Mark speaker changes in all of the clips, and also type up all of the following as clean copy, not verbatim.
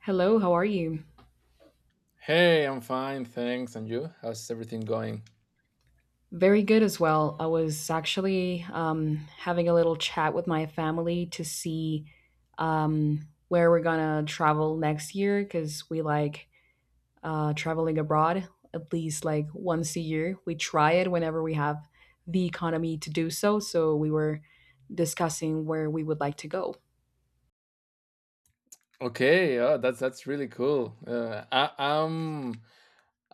Speaker 1: Hello, how are you?
Speaker 2: Hey, I'm fine, thanks. And you? How's everything going?
Speaker 1: Very good as well. I was actually having a little chat with my family to see where we're gonna travel next year because we like traveling abroad at least like once a year. We try it whenever we have the economy to do so. So we were discussing where we would like to go.
Speaker 2: Okay, oh, that's really cool. Uh, I, I'm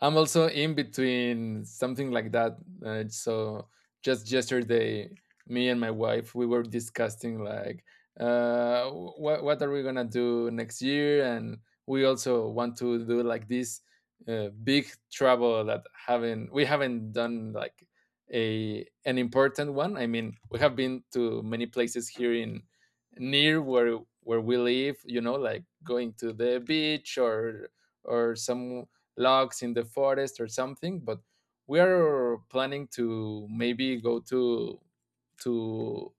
Speaker 2: I'm also in between something like that. So just yesterday, me and my wife we were discussing like what are we gonna do next year, and we also want to do like this big travel that haven't we haven't done like a an important one. I mean, we have been to many places here in near where we live. You know, like going to the beach or some logs in the forest or something, but we are planning to maybe go to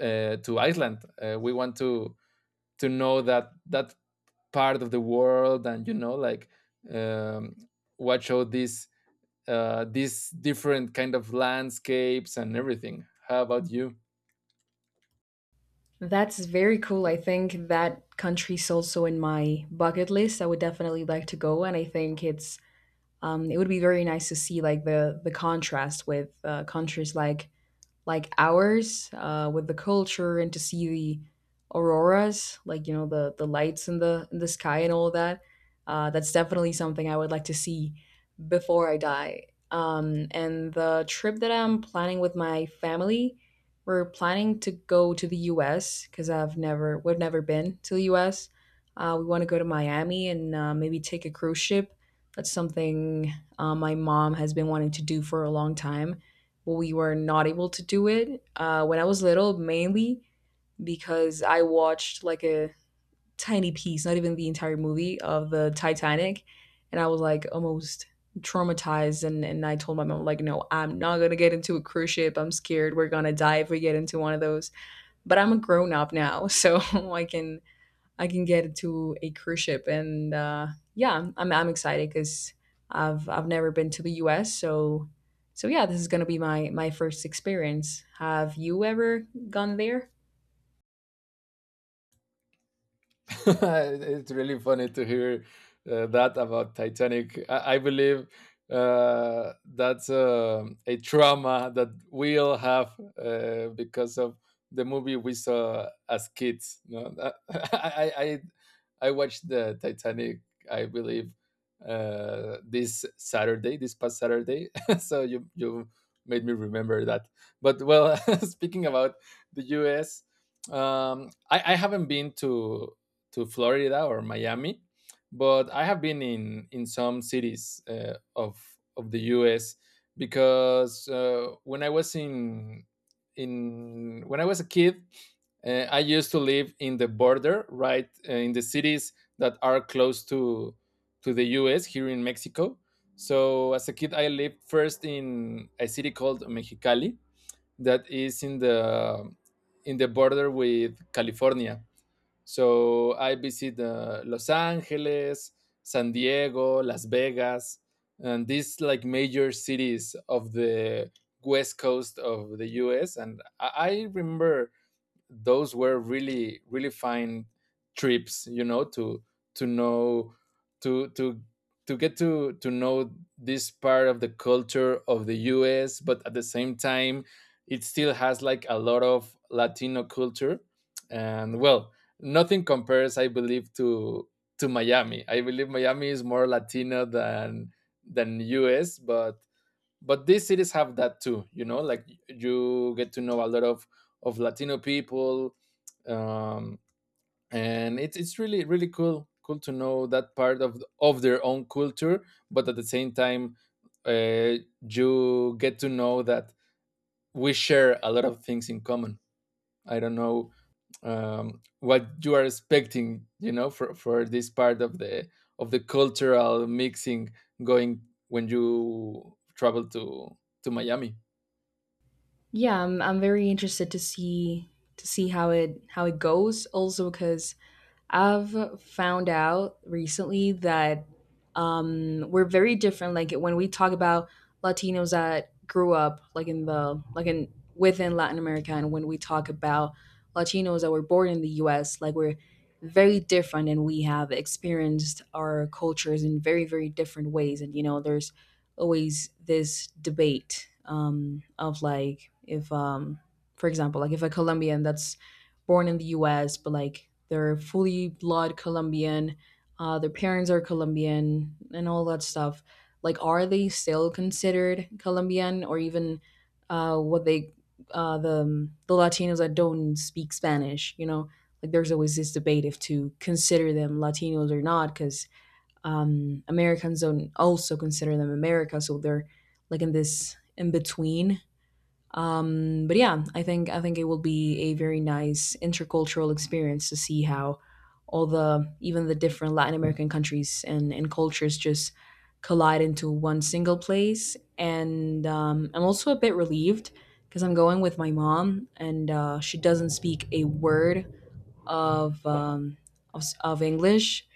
Speaker 2: to Iceland. We want to know that part of the world. And like um, watch all these different kind of landscapes and everything. How about you?
Speaker 1: That's very cool. I think that country's also in my bucket list. I would definitely like to go, and I think it's it would be very nice to see like the contrast with countries like hours with the culture and to see the auroras, like you know the lights in the sky and all of that. That's definitely something I would like to see before I die. And the trip that I'm planning with my family, we're planning to go to the U.S. because I've never we've never been to the U.S. We want to go to Miami, and maybe take a cruise ship. That's something my mom has been wanting to do for a long time. We were not able to do it when I was little, mainly because I watched like a tiny piece, not even the entire movie of the Titanic, and I was like almost traumatized, and I told my mom like, no, I'm not gonna get into a cruise ship. I'm scared we're gonna die if we get into one of those. But I'm a grown up now, so I can I can get into a cruise ship. And yeah, I'm excited because I've never been to the U.S. So yeah, this is gonna be my first experience. Have you ever gone there?
Speaker 2: It's really funny to hear that about Titanic. I believe that's a trauma that we all have because of the movie we saw as kids. You know? I, I I I watched the Titanic. I believe this Saturday, this past Saturday. So you made me remember that. But well, speaking about the U.S. I haven't been to Florida or Miami, but I have been in some cities of the U.S., because when I was in when I was a kid, I used to live in the border, right, in the cities that are close to the U.S. here in Mexico. So as a kid, I lived first in a city called Mexicali that is in the border with California. So I visit Los Angeles, San Diego, Las Vegas, and these like major cities of the west coast of the US. And I remember those were really really fine trips, to know to to to get to know this part of the culture of the US. But at the same time it still has like a lot of Latino culture, and well, nothing compares, I believe, to Miami. I believe Miami is more Latino than US, but these cities have that too. You know, like you get to know a lot of Latino people. um and it's really really cool to know that part of their own culture, but at the same time, uh, you get to know that we share a lot of things in common. I don't know what you are expecting, for this part of the cultural mixing going when you travel to Miami.
Speaker 1: Yeah, I'm very interested to see how it goes. Also because I've found out recently that we're very different. Like when we talk about Latinos that grew up like in the like in within Latin America, and when we talk about Latinos that were born in the U.S., like we're very different, and we have experienced our cultures in very very different ways. And you know, there's always this debate of like if, for example, like if a Colombian that's born in the U.S., but like they're fully blood Colombian. Their parents are Colombian and all that stuff. Like, are they still considered Colombian or even uh, what they, the Latinos that don't speak Spanish, you know? Like, there's always this debate if to consider them Latinos or not, because Americans don't also consider them America. So they're like in this in between. But yeah, I think it will be a very nice intercultural experience to see how all the even the different Latin American countries and cultures just collide into one single place. And I'm also a bit relieved because I'm going with my mom, and she doesn't speak a word of of English,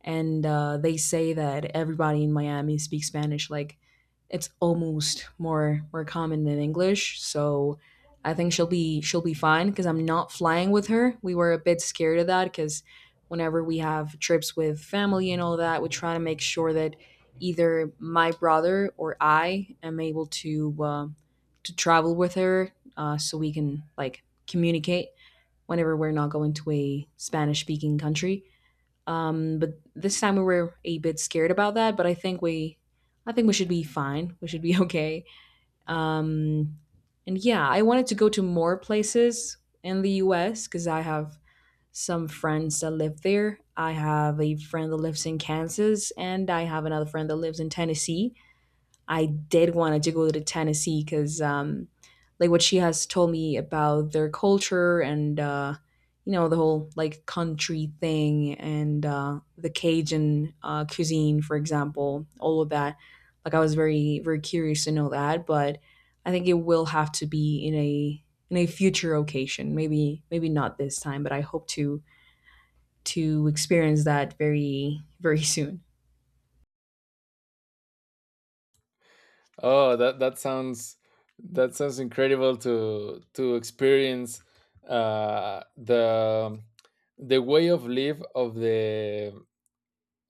Speaker 1: and they say that everybody in Miami speaks Spanish. Like it's almost more common than English. So I think she'll be fine because I'm not flying with her. We were a bit scared of that because whenever we have trips with family and all that, we try to make sure that either my brother or I am able to travel with her so we can like communicate whenever we're not going to a Spanish speaking country. But this time we were a bit scared about that, but I think we should be fine. We should be okay. Um, and yeah, I wanted to go to more places in the U.S. because I have some friends that live there. I have a friend that lives in Kansas, and I have another friend that lives in Tennessee. I did want to go to Tennessee because, like, what she has told me about their culture, and, you know, the whole like country thing, and the Cajun cuisine, for example, all of that. Like, I was very, very curious to know that, but I think it will have to be in a future occasion. Maybe, maybe not this time, but I hope to experience that very, very soon.
Speaker 2: Oh, that sounds incredible to experience uh, the the way of live of the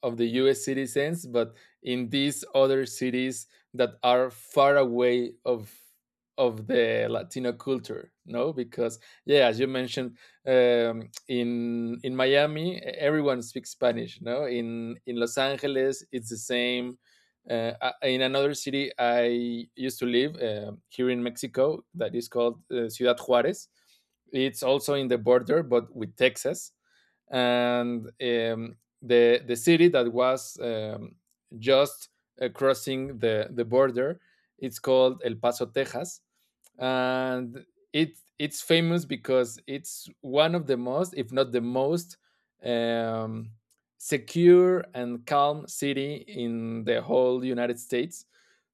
Speaker 2: of the US citizens, but in these other cities that are far away of the Latino culture, no? Because, yeah, as you mentioned, in Miami, everyone speaks Spanish, no? In Los Angeles, it's the same. Uh, in another city I used to live, here in Mexico, that is called Ciudad Juarez. It's also in the border, but with Texas, and the city that was, just crossing the border. It's called El Paso, Texas, and it's famous because it's one of the most, if not the most, um, secure and calm city in the whole United States.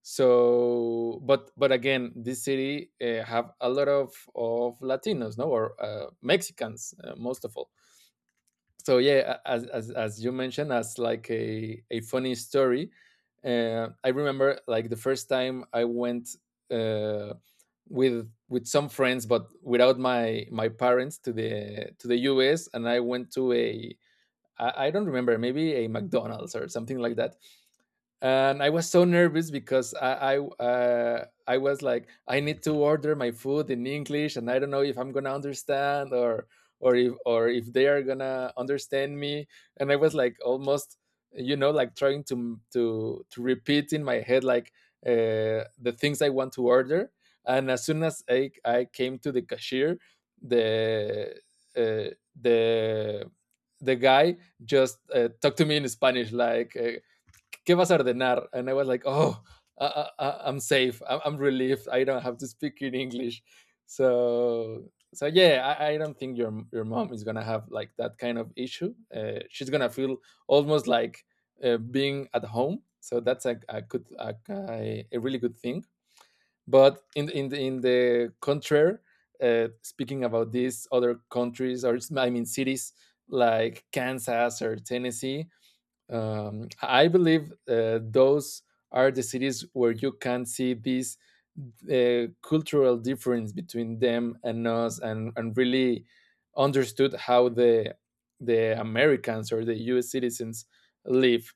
Speaker 2: So, but again, this city have a lot of Latinos, no, or Mexicans, most of all. So, yeah, as you mentioned, as like a funny story, I remember, like, the first time I went uh, with some friends but without my parents to the US. And I went to a I don't remember, maybe a McDonald's or something like that. And I was so nervous because I was like, I need to order my food in English, and I don't know if I'm gonna understand or if they are gonna understand me. And I was like almost, like, trying to repeat in my head, like, the things I want to order. And as soon as I came to the cashier, the uh, the the guy just talked to me in Spanish, like, ¿qué vas a ordenar? And I was like, oh, I'm safe. I'm relieved. I don't have to speak in English. So, yeah, I don't think your mom is gonna have like that kind of issue. She's gonna feel almost like, being at home, so that's a good, a really good thing. But in the contrary, speaking about these other countries, or I mean cities, like Kansas or Tennessee, I believe those are the cities where you can see this cultural difference between them and us, and really understood how the Americans or the U.S. citizens live.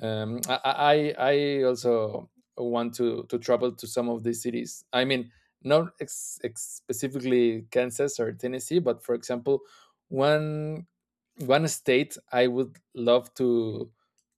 Speaker 2: I also want to travel to some of these cities. I mean, not specifically Kansas or Tennessee, but for example, one one state I would love to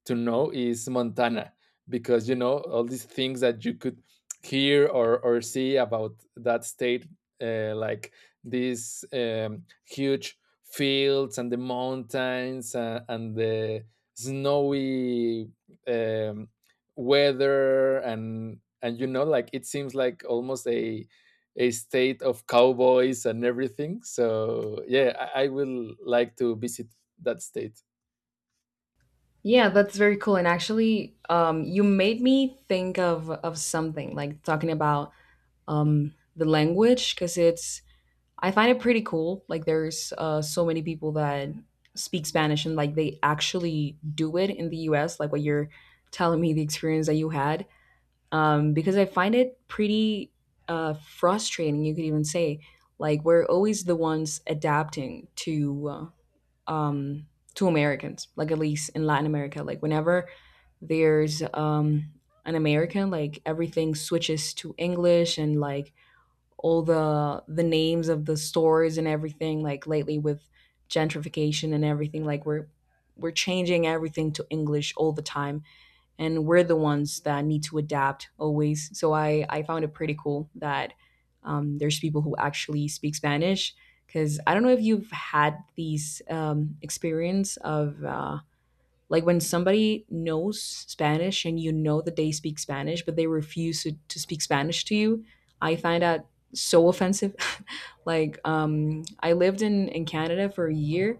Speaker 2: to know is Montana, because you know all these things that you could hear or see about that state, like these huge fields and the mountains and the snowy, um, weather, and like it seems like almost a state of cowboys and everything. So yeah, I will like to visit that state.
Speaker 1: Yeah, that's very cool. And actually, you made me think of something like talking about the language because it's I find it pretty cool. Like there's so many people that speak Spanish and like they actually do it in the U.S. Like what you're telling me the experience that you had, because I find it pretty frustrating. You could even say like we're always the ones adapting um, to Americans, like at least in Latin America. Like whenever there's an American, like everything switches to English, and like all the names of the stores and everything. Like lately with gentrification and everything, like we're changing everything to English all the time, and we're the ones that need to adapt always. So I found it pretty cool that there's people who actually speak Spanish because I don't know if you've had these experience of like when somebody knows Spanish and you know that they speak Spanish but they refuse to speak Spanish to you. I find that so offensive. Like I lived in Canada for a year,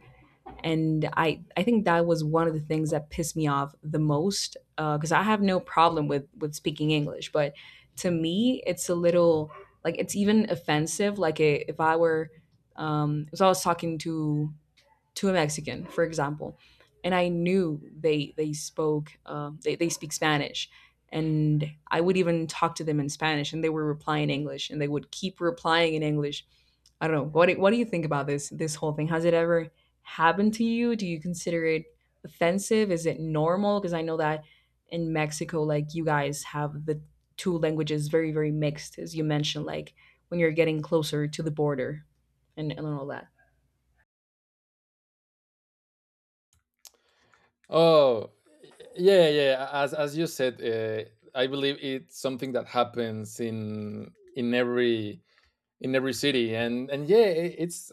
Speaker 1: and I think that was one of the things that pissed me off the most because I have no problem with speaking English, but to me it's a little like it's even offensive. Like if I were, so I was talking to a Mexican, for example, and I knew they spoke they speak Spanish, and I would even talk to them in Spanish, and they were replying in English, and they would keep replying in English. I don't know what do you think about this whole thing? Has it ever happened to you? Do you consider it offensive? Is it normal? Because I know that in Mexico, like you guys have the two languages very very mixed, as you mentioned, like when you're getting closer to the border and all that.
Speaker 2: Oh, yeah, yeah, as you said, I believe it's something that happens in every in every city, and yeah, it's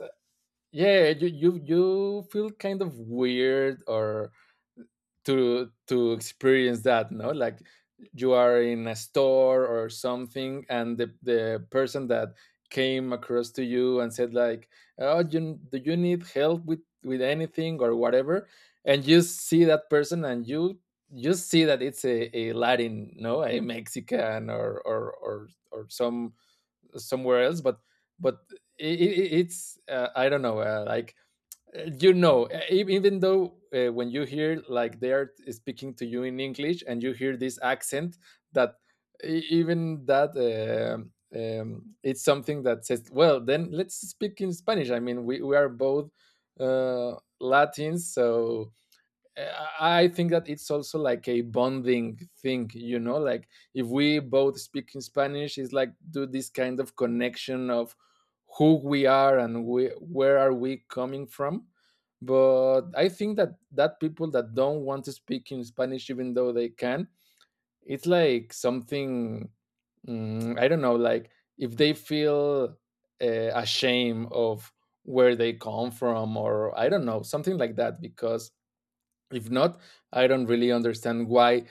Speaker 2: yeah, you feel kind of weird, or to experience that, no, like you are in a store or something, and the person that came across to you and said, like, oh, you, do you need help with anything or whatever, and you see that person, and you see that it's a Latin, no, a Mexican, or somewhere else. But it's I don't know, like, even though, when you hear, like, they are speaking to you in English, and you hear this accent, that even that, it's something that says, well, then let's speak in Spanish. I mean, we are both uh, Latins, so I think that it's also like a bonding thing, like, if we both speak in Spanish, it's like do this kind of connection of who we are, and where are we coming from. But I think that people that don't want to speak in Spanish, even though they can, it's like something, I don't know, like, if they feel uh, ashamed of where they come from, or I don't know, something like that, because, if not, I don't really understand why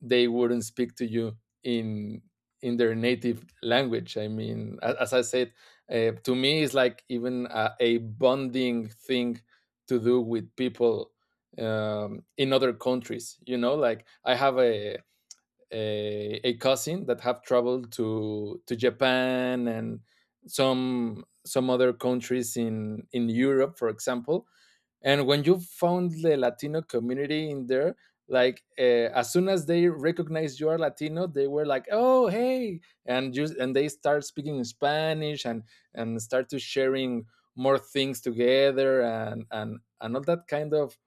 Speaker 2: they wouldn't speak to you in their native language. I mean, as I said, to me, it's like even a bonding thing to do with people, in other countries. Like I have a cousin that have traveled to Japan and some other countries in Europe, for example, and when you found the Latino community in there, like, as soon as they recognized you are Latino, they were like, oh, hey, and they start speaking in Spanish, and start to sharing more things together, and all that kind of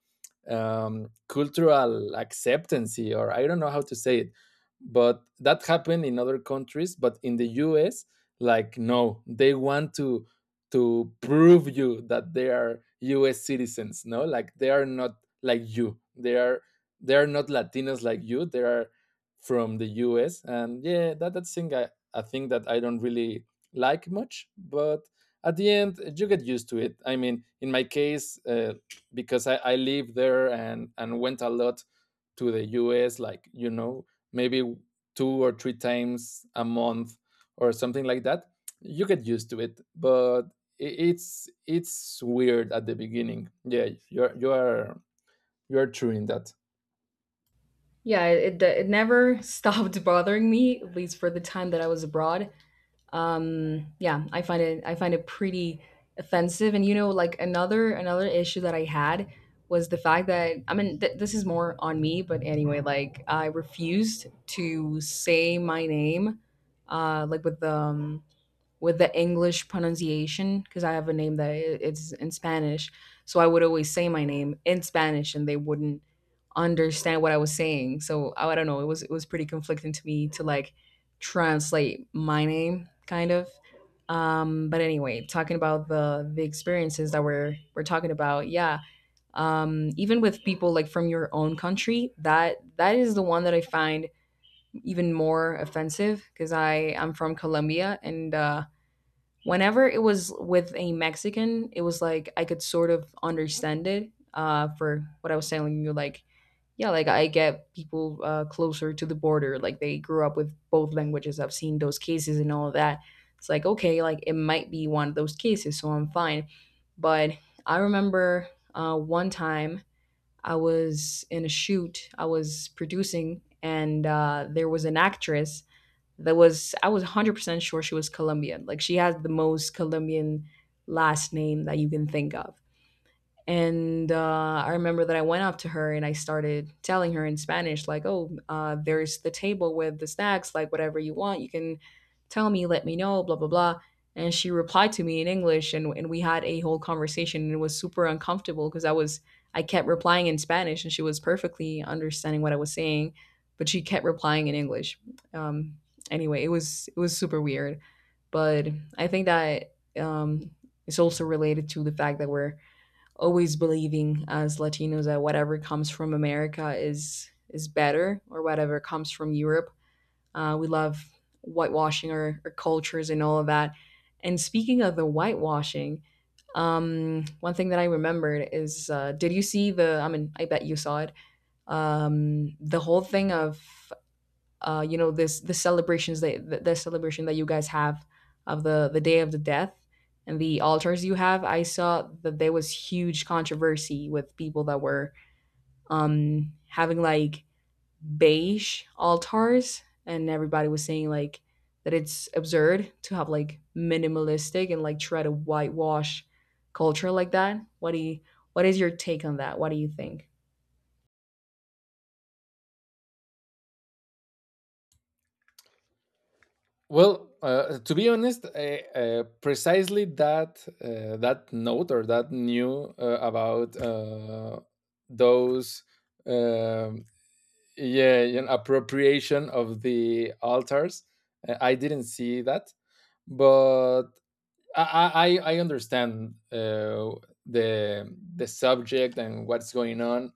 Speaker 2: cultural acceptance, or I don't know how to say it, but that happened in other countries. But in the US, like, no, they want to prove you that they are US citizens, no, like they are not like you, they are not Latinos like you, they are from the US. And yeah, that thing, a thing that I don't really like much. But at the end you get used to it. I mean, in my case, because I lived there, and went a lot to the US, like, maybe two or three times a month or something like that. You get used to it, but it's weird at the beginning. Yeah, you are true in that.
Speaker 1: Yeah, it never stopped bothering me, at least for the time that I was abroad. Yeah, I find it pretty offensive. And you know, like another issue that I had was the fact that I mean, this is more on me, but anyway, like I refused to say my name, like with the English pronunciation because I have a name that it's in Spanish. So I would always say my name in Spanish, and they wouldn't understand what I was saying. So I don't know, it was pretty conflicting to me to like translate my name kind of. But anyway, talking about the experiences that we're talking about, yeah. Even with people like from your own country, that is the one that I find even more offensive because I'm from Colombia, and uh, whenever it was with a Mexican, it was like I could sort of understand it for what I was telling you. Like, yeah, like I get people closer to the border, like they grew up with both languages. I've seen those cases and all of that. It's like, okay, like it might be one of those cases, so I'm fine. But I remember one time I was in a shoot, I was producing, and there was an actress that was I was 100% sure she was Colombian. Like she has the most Colombian last name that you can think of. And I remember that I went up to her and I started telling her in Spanish, like, oh, there's the table with the snacks, like, whatever you want, you can tell me, let me know, blah, blah, blah. And she replied to me in English, and we had a whole conversation, and it was super uncomfortable because I kept replying in Spanish, and she was perfectly understanding what I was saying, but she kept replying in English. Um, anyway, it was super weird, but I think that it's also related to the fact that we're always believing as Latinos that whatever comes from America is better, or whatever comes from Europe. We love whitewashing our cultures and all of that. And speaking of the whitewashing, one thing that I remembered is did you see I mean, I bet you saw it, the whole thing of this the celebration that you guys have of the day of the death and the altars you have. I saw that there was huge controversy with people that were having, like, beige altars, and everybody was saying, like, that it's absurd to have like minimalistic and like try to whitewash culture like that. What do you, what is your take on that? What do you think?
Speaker 2: Well, to be honest, precisely that that note or that new about those um, yeah, an appropriation of the altars, I didn't see that, but I I, I understand the subject and what's going on.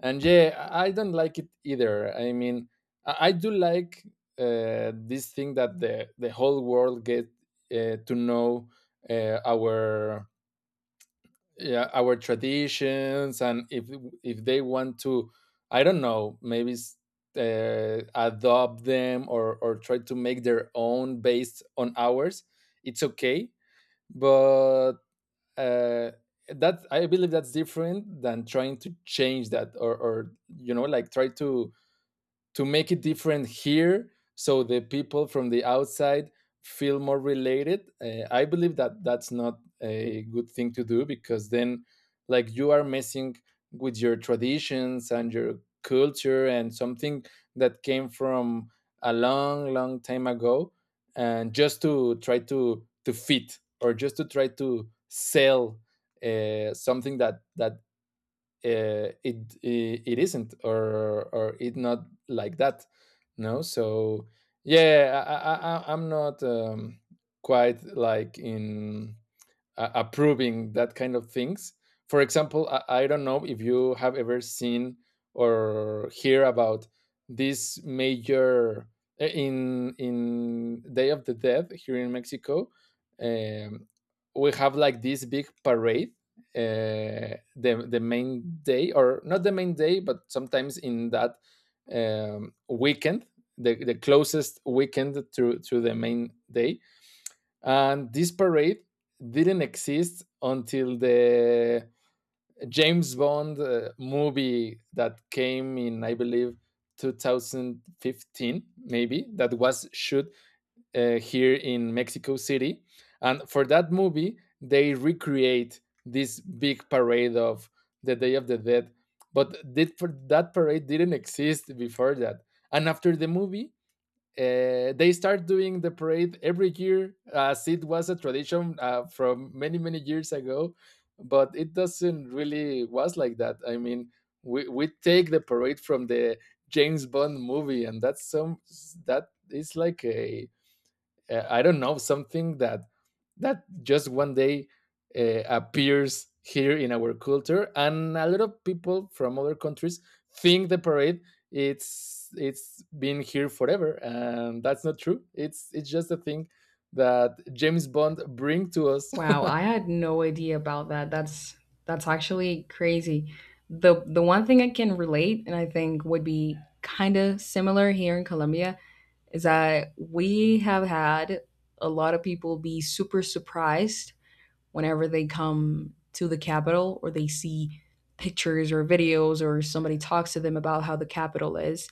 Speaker 2: And yeah, I don't like it either. I mean, I do like this thing that the whole world get to know our, yeah, our traditions. And if they want to, I don't know, maybe adopt them or try to make their own based on ours, it's okay. But uh, that, I believe that's different than trying to change that, or you know like try to make it different here so the people from the outside feel more related. I believe that that's not a good thing to do because then like you are messing with your traditions and your culture and something that came from a long long time ago and just to try to fit or just to try to sell something that that it it isn't, or it not like that. No. So yeah, I'm not quite like in approving that kind of things. For example, I don't know if you have ever seen or hear about this major in Day of the Dead here in Mexico. Um, we have like this big parade, the main day, or not the main day, but sometimes in that weekend, the closest weekend to the main day. And this parade didn't exist until the James Bond movie that came in, I believe, 2015, maybe, that was shot here in Mexico City. And for that movie, they recreate this big parade of the Day of the Dead. But that parade didn't exist before that. And after the movie, they start doing the parade every year as it was a tradition from many many years ago. But it doesn't really was like that. I mean, we take the parade from the James Bond movie, and that's some, that is like a, I don't know, something that that just one day appears here in our culture. And a lot of people from other countries think the parade, it's been here forever, and that's not true. It's just a thing that James Bond bring to us.
Speaker 1: Wow, I had no idea about that. That's actually crazy. The one thing I can relate and I think would be kind of similar here in Colombia is that we have had a lot of people be super surprised whenever they come to the capital or they see pictures or videos or somebody talks to them about how the capital is,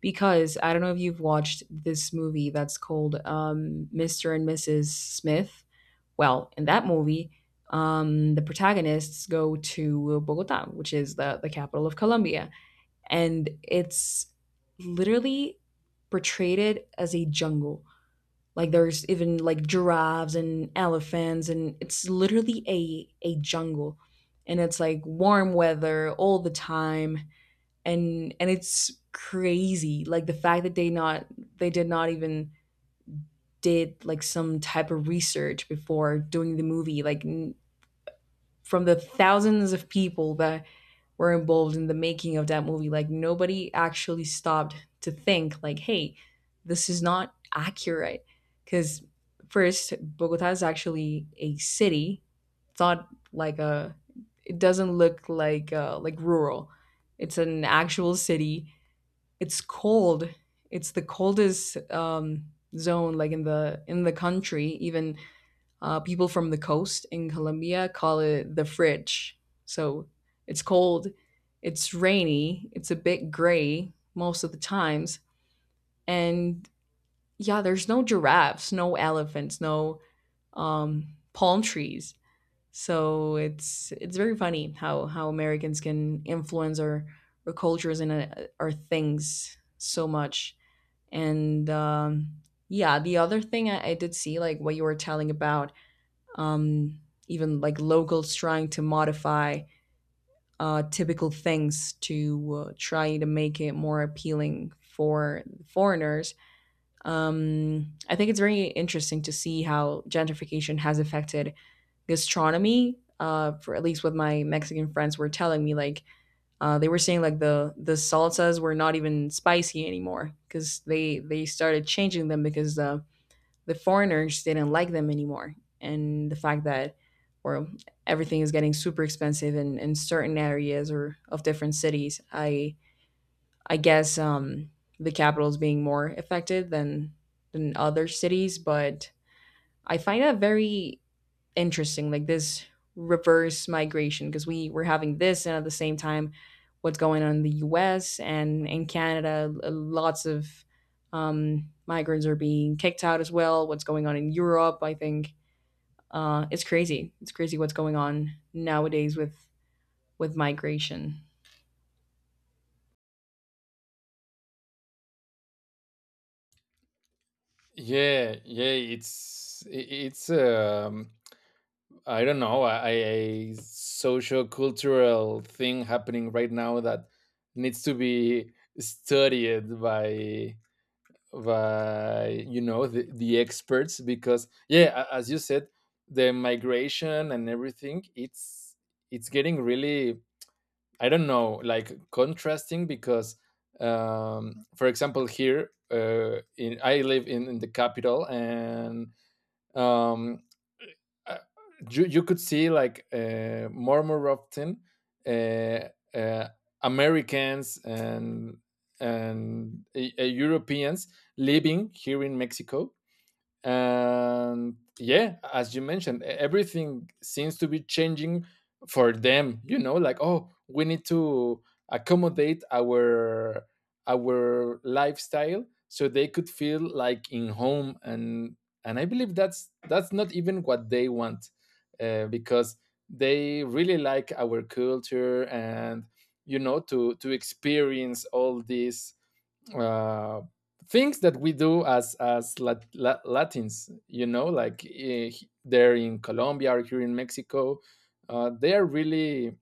Speaker 1: because I don't know if you've watched this movie that's called Mr. and Mrs. Smith. Well, in that movie, the protagonists go to Bogota, which is the capital of Colombia. And it's literally portrayed it as a jungle. Like, there's even like giraffes and elephants, and it's literally a jungle. And it's like warm weather all the time, and it's crazy, like the fact that they not, they did not even did like some type of research before doing the movie, like from the thousands of people that were involved in the making of that movie, like nobody actually stopped to think like, hey, this is not accurate because, first, Bogota is actually a city. It's not like a, it doesn't look like rural. It's an actual city. It's cold. It's the coldest zone, like in the country. Even people from the coast in Colombia call it the fridge. So it's cold. It's rainy. It's a bit gray most of the times. And yeah, there's no giraffes, no elephants, no palm trees. So it's very funny how Americans can influence our cultures and our things so much. And yeah, the other thing I did see, like what you were telling about, um, even like locals trying to modify typical things to try to make it more appealing for foreigners. I think it's very interesting to see how gentrification has affected gastronomy. For at least what my Mexican friends were telling me, like they were saying, like, the salsas were not even spicy anymore because they started changing them because the foreigners didn't like them anymore. And the fact that, well, everything is getting super expensive in certain areas or of different cities. I guess the capital is being more affected than other cities, but I find that very interesting, like this reverse migration, because we were having this, and at the same time, what's going on in the U.S. and in Canada, lots of migrants are being kicked out as well. What's going on in Europe? I think it's crazy. It's crazy what's going on nowadays with migration.
Speaker 2: Yeah, yeah, it's I don't know, a social cultural thing happening right now that needs to be studied by, you know, the experts. Because yeah, as you said, the migration and everything, it's getting really, I don't know, like contrasting. Because for example here in I live in the capital, and um uh, you could see like, more and more often, uh, uh, Americans and Europeans living here in Mexico. And yeah, as you mentioned, everything seems to be changing for them. You know, like, oh, we need to accommodate our lifestyle so they could feel like in home. And I believe that's not even what they want, because they really like our culture and, you know, to experience all these uh, things that we do as Latins, you know, like there in Colombia or here in Mexico. They are really,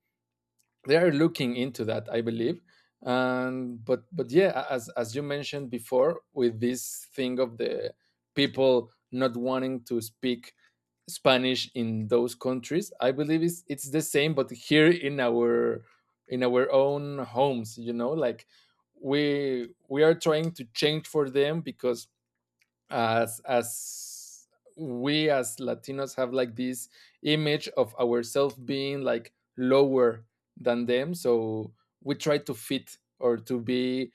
Speaker 2: they are looking into that, I believe. And but yeah, as you mentioned before, with this thing of the people not wanting to speak Spanish in those countries. I believe it's the same, but here in our own homes, you know, like we are trying to change for them. Because as we as Latinos have like this image of ourselves being like lower than them, so we try to fit or to be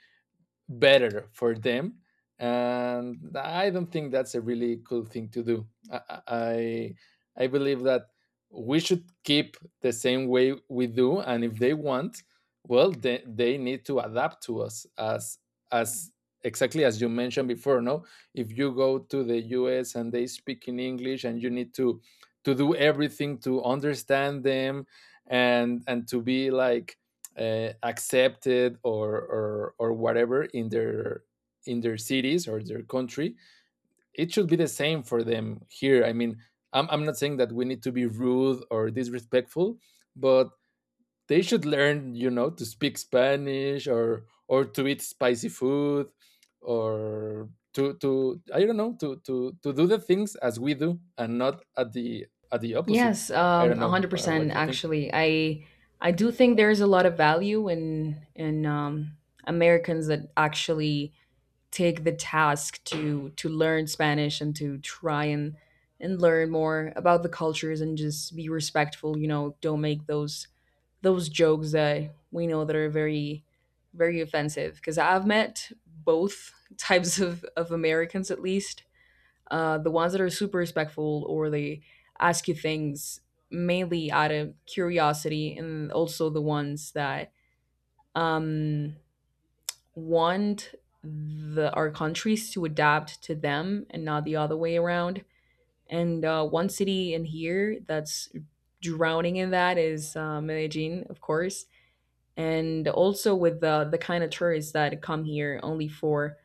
Speaker 2: better for them. And I don't think that's a really cool thing to do. i i, I believe that we should keep the same way we do. And if they want, well, they need to adapt to us, as exactly as you mentioned before. No, if you go to the US and they speak in English and you need to do everything to understand them and to be like accepted, or whatever in their cities or their country, it should be the same for them here. I mean, I'm not saying that we need to be rude or disrespectful, but they should learn, you know, to speak Spanish or to eat spicy food, or to, I don't know, to do the things as we do and not at the at the opposite.
Speaker 1: Yes,
Speaker 2: I don't
Speaker 1: one
Speaker 2: know,
Speaker 1: hundred percent.
Speaker 2: what you think.
Speaker 1: Actually, I do think there is a lot of value in Americans that actually take the task to learn Spanish and to try and learn more about the cultures, and just be respectful, you know, don't make those jokes that we know that are very very offensive, because I've met both types of Americans, at least. Uh, the ones that are super respectful or they ask you things mainly out of curiosity, and also the ones that um want the our countries to adapt to them and not the other way around. And one city in here that's drowning in that is Medellin, of course, and also with the kind of tourists that come here only for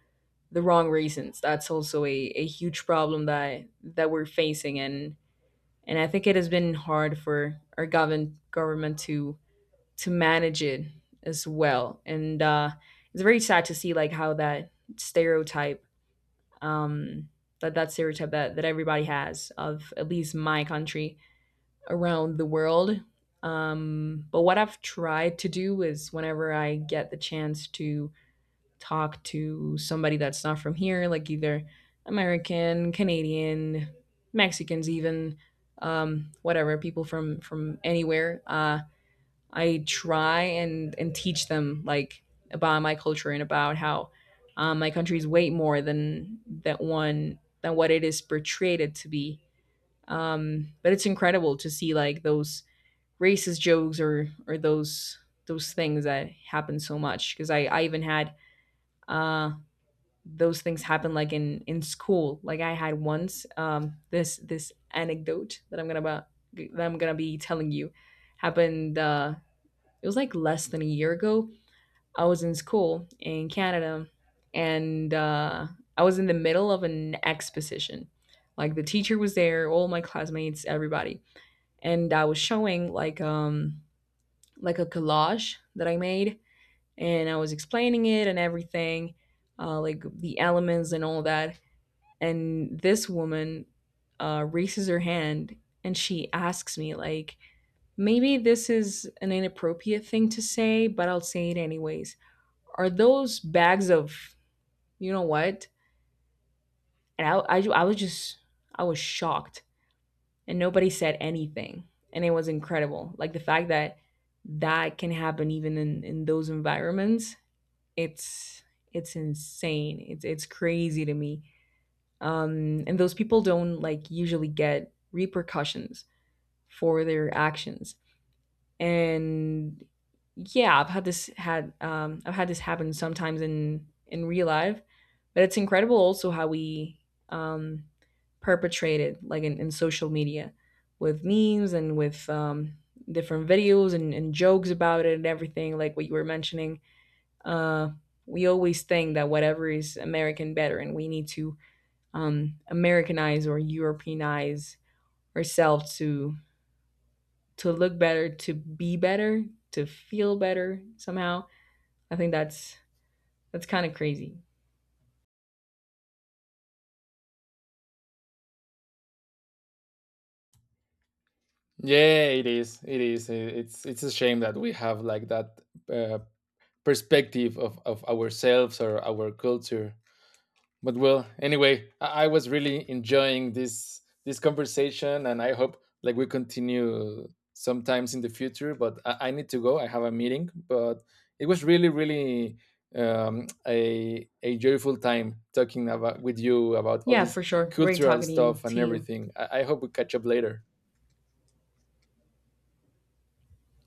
Speaker 1: the wrong reasons. That's also a huge problem that that we're facing, and I think it has been hard for our govern government to manage it as well. And it's very sad to see like how that stereotype, um, that that stereotype that that everybody has of at least my country around the world. But what I've tried to do is whenever I get the chance to talk to somebody that's not from here, like either American, Canadian, Mexicans, even whatever, people from anywhere. I try and teach them like about my culture and about how my country is way more than that one, than what it is portrayed to be. But it's incredible to see like those racist jokes or those things that happen so much, because I even had uh those things happen like in school. Like, I had once this this anecdote that I'm gonna about that I'm gonna be telling you happened, it was like less than a year ago. I was in school in Canada, and I was in the middle of an exposition. Like, the teacher was there, all my classmates, everybody. And I was showing like a collage that I made, and I was explaining it and everything, like the elements and all that. And this woman raises her hand and she asks me like, maybe this is an inappropriate thing to say, but I'll say it anyways. Are those bags of, you know what? And I was just, I was shocked, and nobody said anything, and it was incredible. Like the fact that that can happen even in those environments, it's it's insane. It's crazy to me. And those people don't like usually get repercussions for their actions. And yeah, I've had this had I've had this happen sometimes in real life, but it's incredible also how we um perpetrate it like in social media with memes and with different videos and jokes about it and everything, like what you were mentioning. uh we always think that whatever is american better, and we need to americanize or europeanize ourselves to look better, to be better, to feel better somehow. I think that's kind of crazy.
Speaker 2: Yeah, it is, it's a shame that we have like that uh, perspective of ourselves or our culture. But well, anyway, I was really enjoying this this conversation, and I hope like we continue sometimes in the future. But I need to go; I have a meeting. But it was really, really a joyful time talking about with you about all
Speaker 1: Yeah,
Speaker 2: this
Speaker 1: for sure. Great
Speaker 2: cultural
Speaker 1: talking to you.
Speaker 2: stuff and
Speaker 1: See you.
Speaker 2: everything. I hope we catch up later.